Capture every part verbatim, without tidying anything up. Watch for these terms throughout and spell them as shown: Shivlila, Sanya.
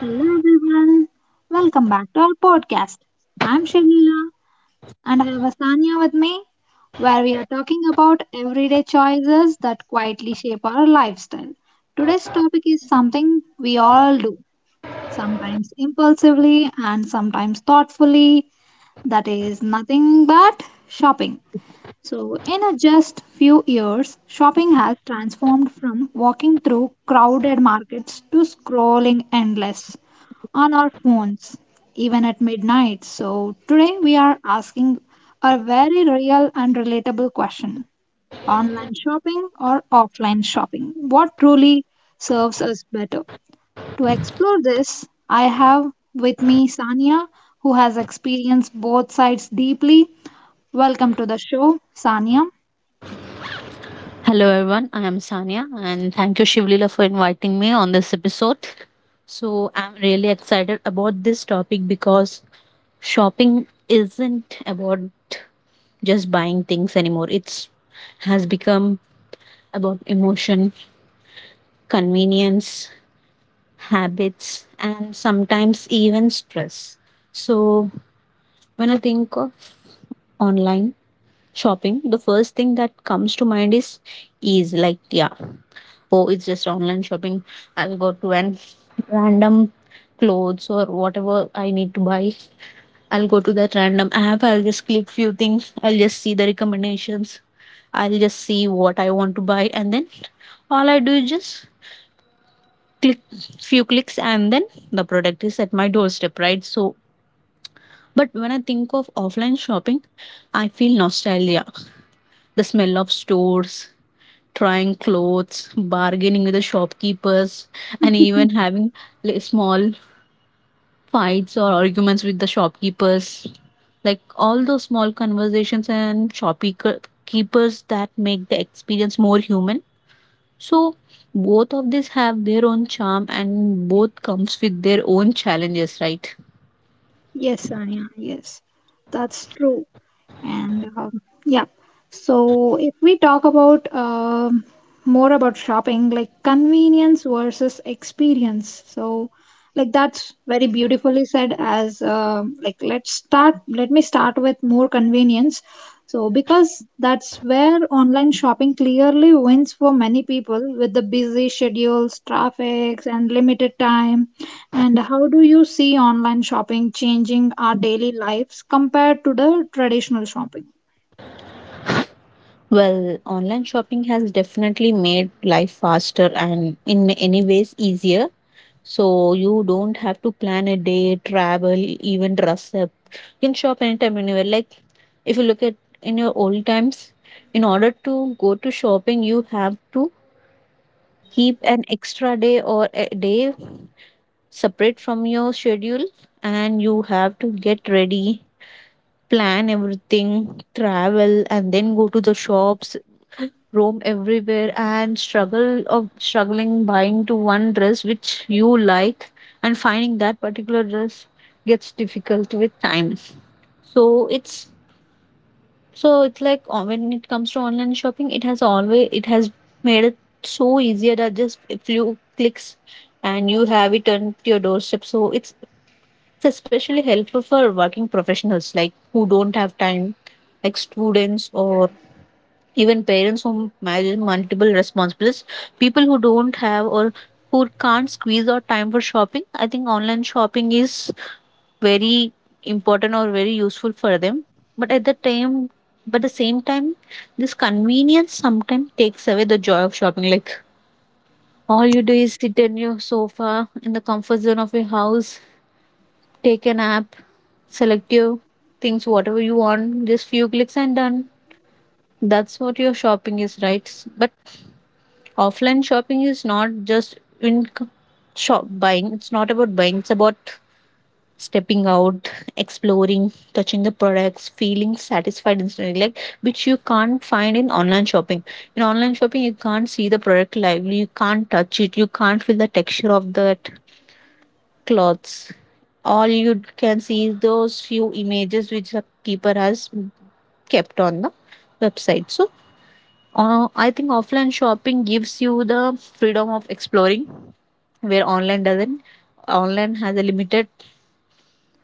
Hello everyone, welcome back to our podcast. I'm Shivlila and I have Asanya with me, where we are talking about everyday choices that quietly shape our lifestyle. Today's topic is something we all do, sometimes impulsively and sometimes thoughtfully, that is nothing but shopping. So, in a just few years, shopping has transformed from walking through crowded markets to scrolling endless on our phones, even at midnight. So, today we are asking a very real and relatable question, online shopping or offline shopping? What truly serves us better? To explore this, I have with me Sania, who has experienced both sides deeply. Welcome to the show, Sania. Hello, everyone. I am Sanya, and thank you, Shivlila, for inviting me on this episode. So, I'm really excited about this topic because shopping isn't about just buying things anymore. It's has become about emotion, convenience, habits, and sometimes even stress. So, when I think of online shopping, the first thing that comes to mind is ease. Like, yeah, oh, it's just online shopping. I'll go to an random clothes or whatever I need to buy. I'll go to that random app, I'll just click few things, I'll just see the recommendations, I'll just see what I want to buy, and then all I do is just click, few clicks, and then the product is at my doorstep, right? So, but when I think of offline shopping, I feel nostalgia, the smell of stores, trying clothes, bargaining with the shopkeepers, and even having li- small fights or arguments with the shopkeepers. Like, all those small conversations and shopkeepers that make the experience more human. So, both of these have their own charm and both comes with their own challenges, right? Yes, Anya, yes, that's true. And um, yeah, so if we talk about um, more about shopping, like convenience versus experience. So, like that's very beautifully said. As um like, let's start. Let me start with more convenience. So, because that's where online shopping clearly wins for many people with the busy schedules, traffics, and limited time, and how do you see online shopping changing our daily lives compared to the traditional shopping? Well, online shopping has definitely made life faster and in many ways easier. So, you don't have to plan a day, travel, even dress up. You can shop anytime, anywhere. Like, if you look at in your old times, in order to go to shopping, you have to keep an extra day or a day separate from your schedule, and you have to get ready, plan everything, travel, and then go to the shops, roam everywhere and struggle of struggling buying to one dress which you like, and finding that particular dress gets difficult with time. So it's so it's like, uh, when it comes to online shopping, it has always it has made it so easier that just a few clicks and you have it on your doorstep. So it's it's especially helpful for working professionals like who don't have time, like students or even parents who manage multiple responsibilities, people who don't have or who can't squeeze out time for shopping. I think online shopping is very important or very useful for them. But at the time, but the same time, this convenience sometimes takes away the joy of shopping. Like, all you do is sit on your sofa in the comfort zone of your house, take an app, select your things, whatever you want, just few clicks and done. That's what your shopping is, right? But offline shopping is not just in c- shop buying, it's not about buying, it's about stepping out, exploring, touching the products, feeling satisfied instantly, like which you can't find in online shopping. In online shopping, you can't see the product lively, you can't touch it, you can't feel the texture of that clothes. All you can see is those few images which the keeper has kept on the website. So, uh, I think offline shopping gives you the freedom of exploring, where online doesn't online has a limited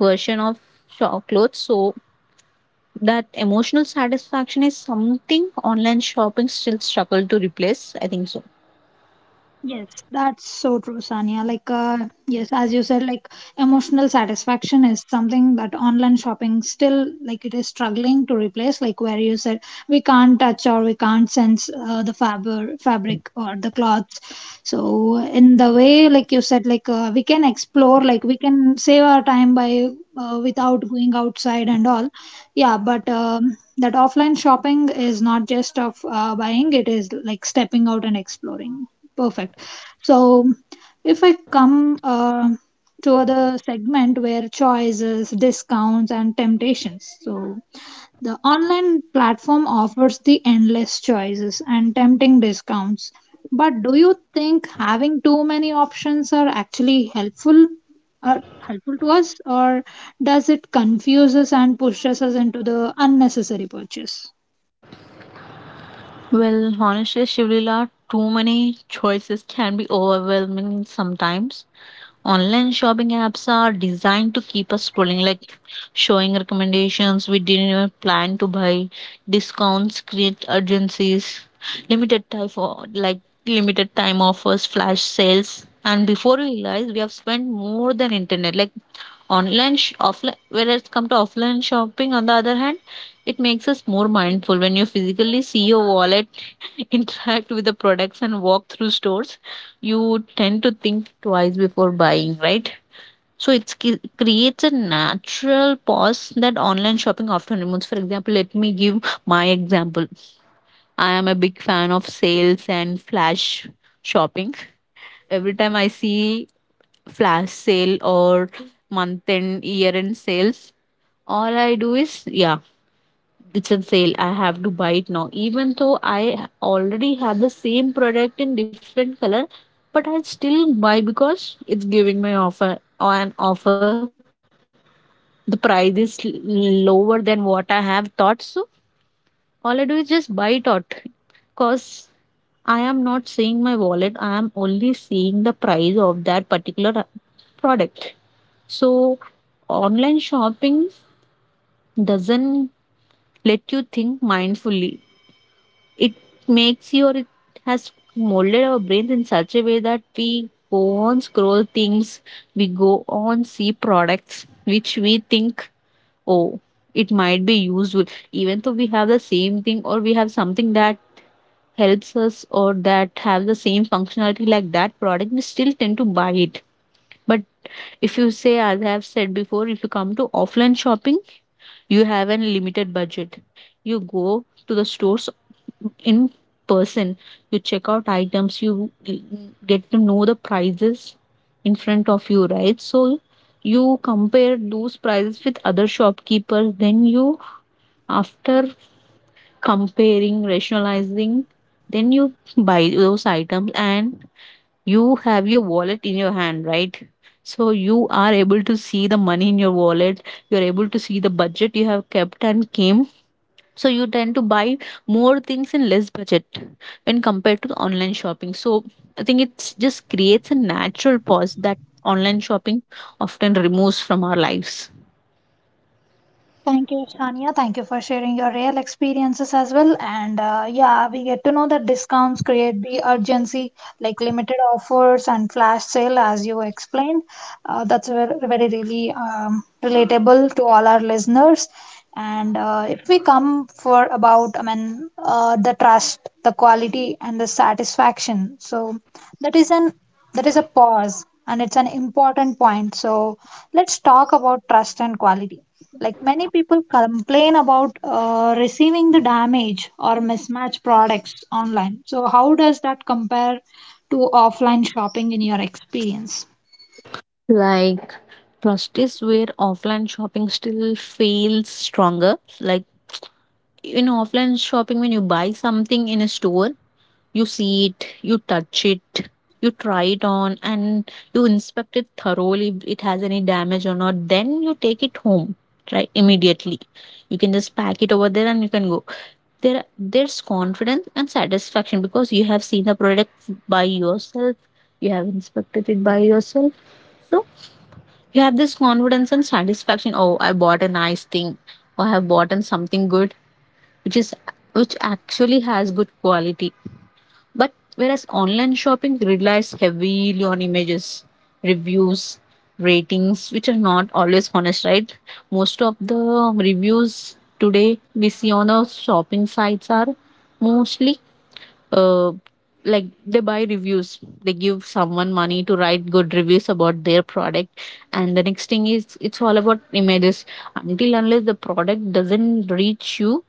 version of shop clothes. So, that emotional satisfaction is something online shopping still struggle to replace, I think so. Yes, that's so true, Sania. Like, uh, yes, as you said, like emotional satisfaction is something that online shopping still, like, it is struggling to replace. Like, where you said we can't touch or we can't sense uh, the fab- fabric or the cloths. So, in the way, like you said, like uh, we can explore, like we can save our time by uh, without going outside and all. Yeah, but um, that offline shopping is not just of uh, buying, it is like stepping out and exploring. Perfect. So if I come uh, to other segment where choices, discounts and temptations, so the online platform offers the endless choices and tempting discounts. But do you think having too many options are actually helpful, are helpful to us, or does it confuse us and pushes us into the unnecessary purchase? Well, honestly, Shivlila, too many choices can be overwhelming sometimes. Online shopping apps are designed to keep us scrolling, like showing recommendations we didn't even plan to buy, discounts, create urgencies, limited time for like limited time offers, flash sales. And before we realize, we have spent more than internet. Like, online, sh- offline, whereas come to offline shopping, on the other hand, it makes us more mindful when you physically see your wallet, interact with the products, and walk through stores, you tend to think twice before buying, right? So, it creates a natural pause that online shopping often removes. For example, let me give my example. I am a big fan of sales and flash shopping. Every time I see flash sale or month end, year end sales, all I do is, yeah, it's a sale. I have to buy it now. Even though I already have the same product in different color, but I still buy because it's giving me offer or an offer, the price is l- lower than what I have thought. So, all I do is just buy it out because I am not seeing my wallet. I am only seeing the price of that particular product. So, online shopping doesn't let you think mindfully. It makes you, or it has molded our brains in such a way that we go on scroll things, we go on see products which we think, oh, it might be useful, even though we have the same thing or we have something that helps us or that have the same functionality like that product, we still tend to buy it. But if you say, as I have said before, if you come to offline shopping, you have a limited budget, you go to the stores in person, you check out items, you get to know the prices in front of you, right? So, you compare those prices with other shopkeepers, then you, after comparing, rationalizing, then you buy those items, and you have your wallet in your hand, right? So, you are able to see the money in your wallet, you're able to see the budget you have kept and came. So, you tend to buy more things in less budget when compared to the online shopping. So, I think it just creates a natural pause that online shopping often removes from our lives. Thank you, Shania. Thank you for sharing your real experiences as well. And uh, yeah, we get to know that discounts create the urgency like limited offers and flash sale as you explained. Uh, that's very, very really um, relatable to all our listeners. And uh, if we come for about, I mean, uh, the trust, the quality and the satisfaction, so that is an that is a pause and it's an important point. So let's talk about trust and quality. Like many people complain about uh, receiving the damage or mismatched products online, so how does that compare to offline shopping in your experience? Like, trust is where offline shopping still feels stronger. Like, in offline shopping, when you buy something in a store, you see it, you touch it, you try it on, and you inspect it thoroughly if it has any damage or not. Then you take it home, right? Immediately. You can just pack it over there and you can go. There there's confidence and satisfaction because you have seen the product by yourself, you have inspected it by yourself. So, you have this confidence and satisfaction. Oh, I bought a nice thing, or I have bought in something good, which is which actually has good quality. But whereas online shopping relies heavily on images, reviews, ratings, which are not always honest, right? Most of the reviews today we see on the shopping sites are mostly uh, like, they buy reviews, they give someone money to write good reviews about their product. And the next thing is, it's all about images. Until unless the product doesn't reach you,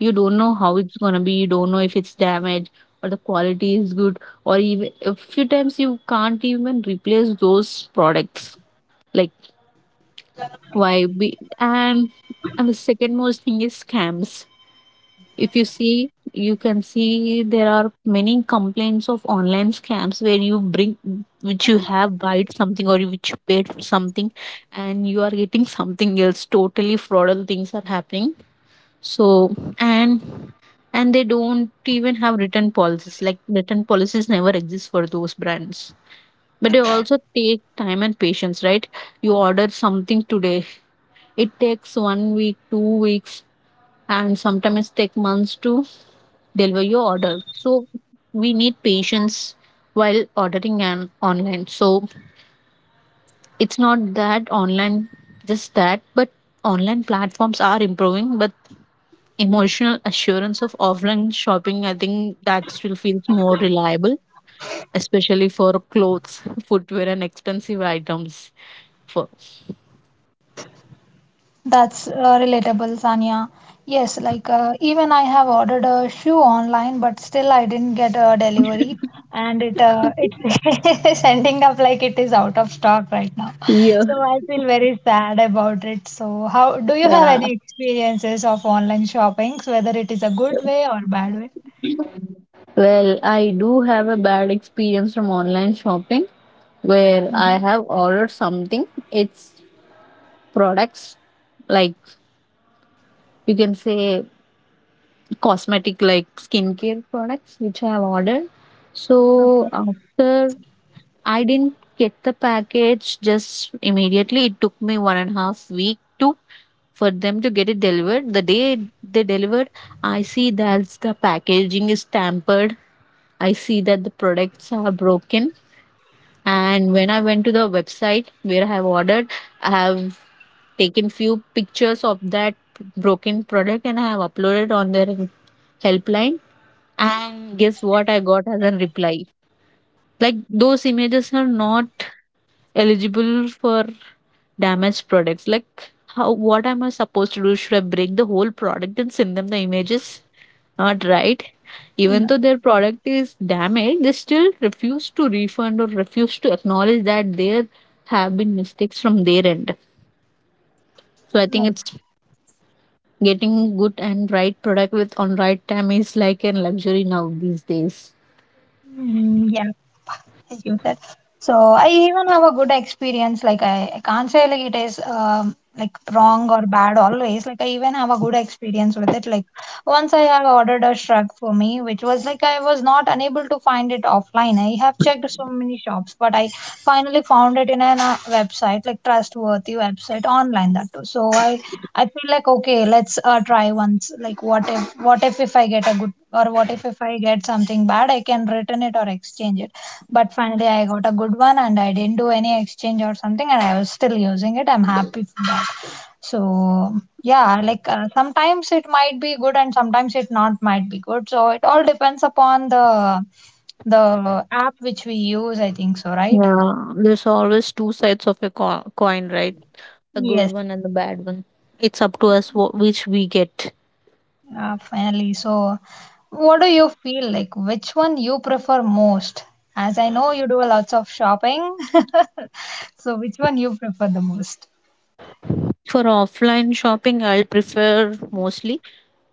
you don't know how it's going to be, you don't know if it's damaged or the quality is good, or even a few times you can't even replace those products, like why be. And and the second most thing is scams. If you see, you can see there are many complaints of online scams where you bring, which you have bought something or you which you paid for something and you are getting something else, totally fraudulent things are happening. So, and and they don't even have written policies, like written policies never exist for those brands. But they also take time and patience, right? You order something today, it takes one week, two weeks, and sometimes take months to deliver your order. So, we need patience while ordering and online. So, it's not that online just that, but online platforms are improving, but emotional assurance of offline shopping, I think that still feels more reliable, especially for clothes, footwear and expensive items. For That's uh, relatable, Sanya. Yes, like uh, even I have ordered a shoe online, but still I didn't get a delivery, and it uh, it's ending up like it is out of stock right now. yeah. So I feel very sad about it. So how do you have Yeah. any experiences of online shoppings, whether it is a good way or bad way? Well, I do have a bad experience from online shopping, where I have ordered something. It's products like, you can say, cosmetic, like skincare products, which I have ordered. So, after I didn't get the package just immediately, it took me one and a half week to for them to get it delivered. The day they delivered, I see that the packaging is tampered. I see that the products are broken, and when I went to the website where I have ordered, I have taken few pictures of that broken product, and I have uploaded on their helpline. And guess what I got as a reply? Like, those images are not eligible for damaged products. Like, how? What am I supposed to do? Should I break the whole product and send them the images? Not right. Even though their product is damaged, they still refuse to refund or refuse to acknowledge that there have been mistakes from their end. So, I think No. it's getting good and right product with on right time is like a luxury now these days. Mm, yeah, as you said. So I even have a good experience. Like I, I can't say like it is um, like wrong or bad always. Like I even have a good experience with it. Like once I have ordered a shrug for me, which was like I was not unable to find it offline. I have checked so many shops, but I finally found it in a website, like trustworthy website online, that too. So I I feel like okay, let's uh, try once. Like what if what if if I get a good, or what if if I get something bad, I can return it or exchange it. But finally, I got a good one and I didn't do any exchange or something, and I was still using it. I'm happy for that. So yeah, like uh, sometimes it might be good and sometimes it not might be good. So it all depends upon the the app which we use, I think so, right? Yeah, there's always two sides of a co- coin, right? A good Yes, one and a bad one. It's up to us wh- which we get. uh, finally. So what do you feel like? Which one you prefer most? As I know you do lots of shopping, so which one you prefer the most? For offline shopping, I'll prefer mostly.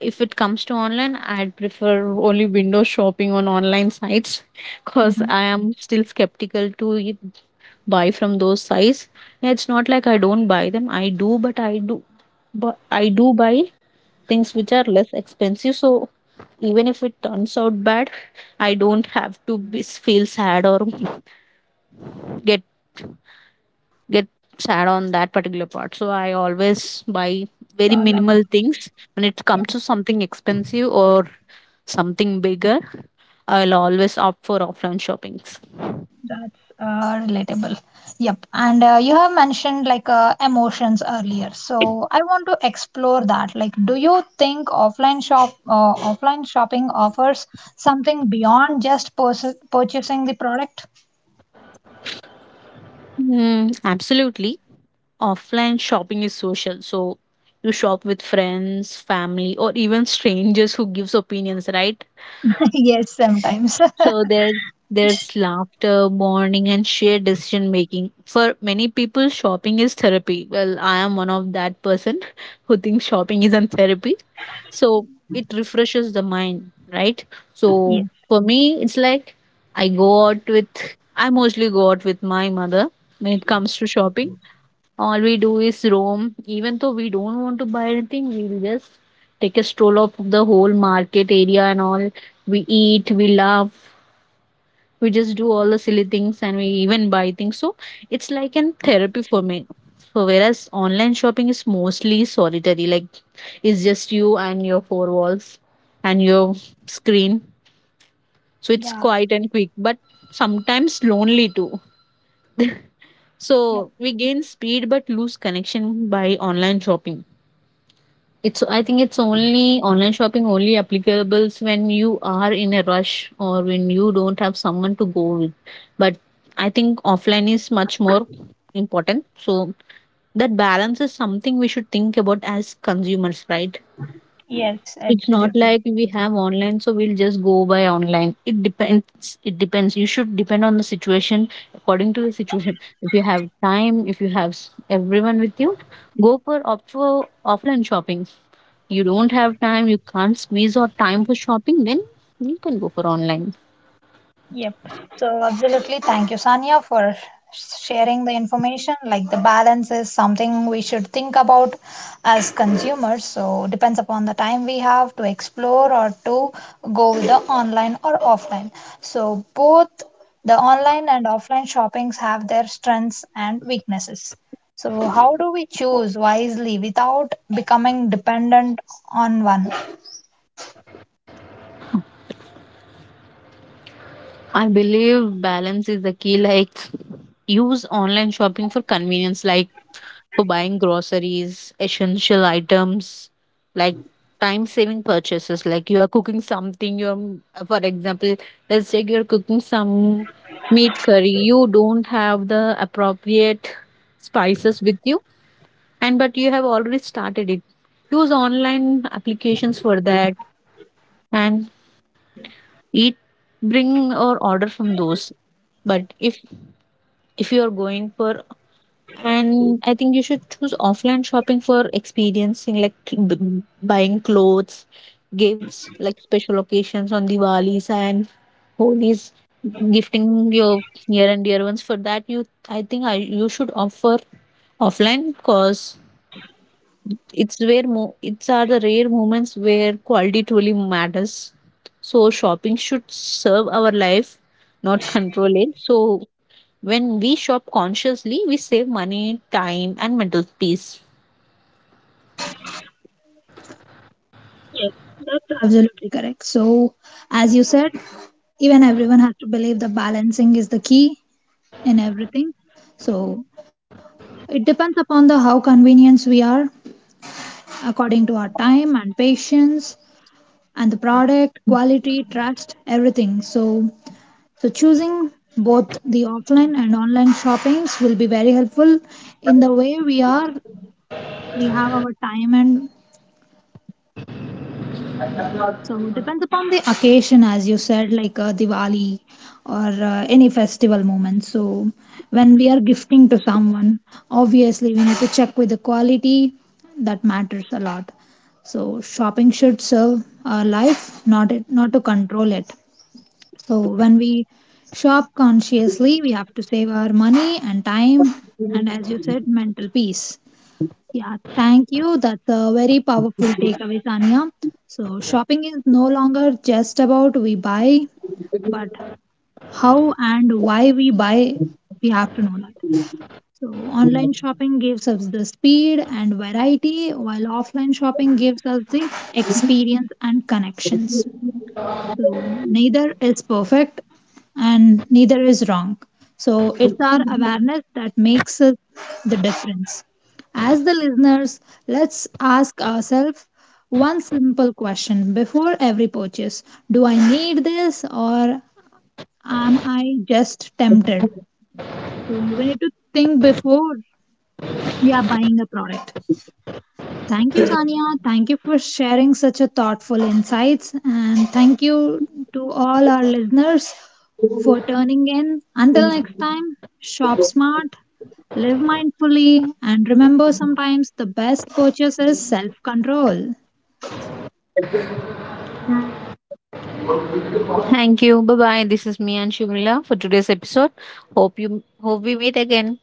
If it comes to online, I'd prefer only window shopping on online sites because I Hmm. am still skeptical to e- buy from those sites. Yeah, it's not like I don't buy them. I do, but I do, but I do, buy things which are less expensive. So, even if it turns out bad, I don't have to be, feel sad or get get sad on that particular part. So, I always buy very Yeah, minimal things. When it comes to something expensive or something bigger, I'll always opt for offline shoppings. that's uh, relatable. Yep. And uh, you have mentioned like uh, emotions earlier, so I want to explore that. Like, do you think offline shop, uh, offline shopping offers something beyond just pers- purchasing the product? Mm, absolutely. Offline shopping is social. So, you shop with friends, family, or even strangers who gives opinions, right? Yes, sometimes. So, there there's laughter, bonding, and shared decision making. For many people, shopping is therapy. Well, I am one of that person who thinks shopping is not therapy. So, it refreshes the mind, right? So, Yes. for me, it's like I go out with I mostly go out with my mother when it comes to shopping. All we do is roam. Even though we don't want to buy anything, we'll just take a stroll of the whole market area and all. We eat, we laugh, we just do all the silly things, and we even buy things. So, it's like an therapy for me. So, whereas online shopping is mostly solitary, like it's just you and your four walls and your screen. So, it's Yeah, quiet and quick, but sometimes lonely too. yeah, So, we gain speed but lose connection by online shopping. It's I think it's only online shopping only applicable when you are in a rush or when you don't have someone to go with. But I think offline is much more important. So, that balance is something we should think about as consumers, right? yes, It's not absolutely. like we have online, so we'll just go by online. It depends. It depends. You should depend on the situation according to the situation. If you have time, if you have s- everyone with you, go for opt for offline shopping. You don't have time, you can't squeeze out time for shopping, then you can go for online. Yep. So, absolutely. Thank you, Sanya, for sharing the information. Like the balance is something we should think about as consumers. So, depends upon the time we have to explore or to go with the online or offline. So, both the online and offline shoppings have their strengths and weaknesses. So, how do we choose wisely without becoming dependent on one? I believe balance is the key. Like, use online shopping for convenience, like for buying groceries, essential items, like time saving purchases. Like, you are cooking something, you're, for example, let's take you're cooking some meat curry, you don't have the appropriate spices with you and but you have already started it, use online applications for that and eat bring or order from those. But if if you are going for and I think you should choose offline shopping for experiencing, like cl- b- buying clothes, gifts like special occasions on Diwalis and Holi's, gifting your near and dear ones. For that you, I think I, you should offer offline because it's where mo- it's are the rare moments where quality truly matters. So, shopping should serve our life, not control it. So, when we shop consciously, we save money, time, and mental peace. Absolutely correct. So, as you said, even everyone has to believe the balancing is the key in everything. So, it depends upon the how convenient we are according to our time and patience and the product quality, trust, everything. So, so choosing both the offline and online shoppings will be very helpful in the way we are, we have our time and, so depends upon the occasion, as you said, like uh, Diwali or uh, any festival moment. So when we are gifting to someone, obviously we need to check with the quality. That matters a lot. So shopping should serve our life, not it, not to control it. So when we shop consciously, we have to save our money and time, and as you said, mental peace. Yeah, thank you. That's a very powerful takeaway, Sanya. So, shopping is no longer just about we buy, but how and why we buy, we have to know that. So, online shopping gives us the speed and variety, while offline shopping gives us the experience and connections. So neither is perfect and neither is wrong. So it's our awareness that makes us the difference. As the listeners, let's ask ourselves one simple question before every purchase. Do I need this or am I just tempted? So we need to think before we are buying a product. Thank you, Sania. Thank you for sharing such a thoughtful insights. And thank you to all our listeners for tuning in. Until next time, shop smart, live mindfully, and remember sometimes the best purchase is self control. Thank you. Bye bye. This is me and Shimla for today's episode. Hope you hope we meet again.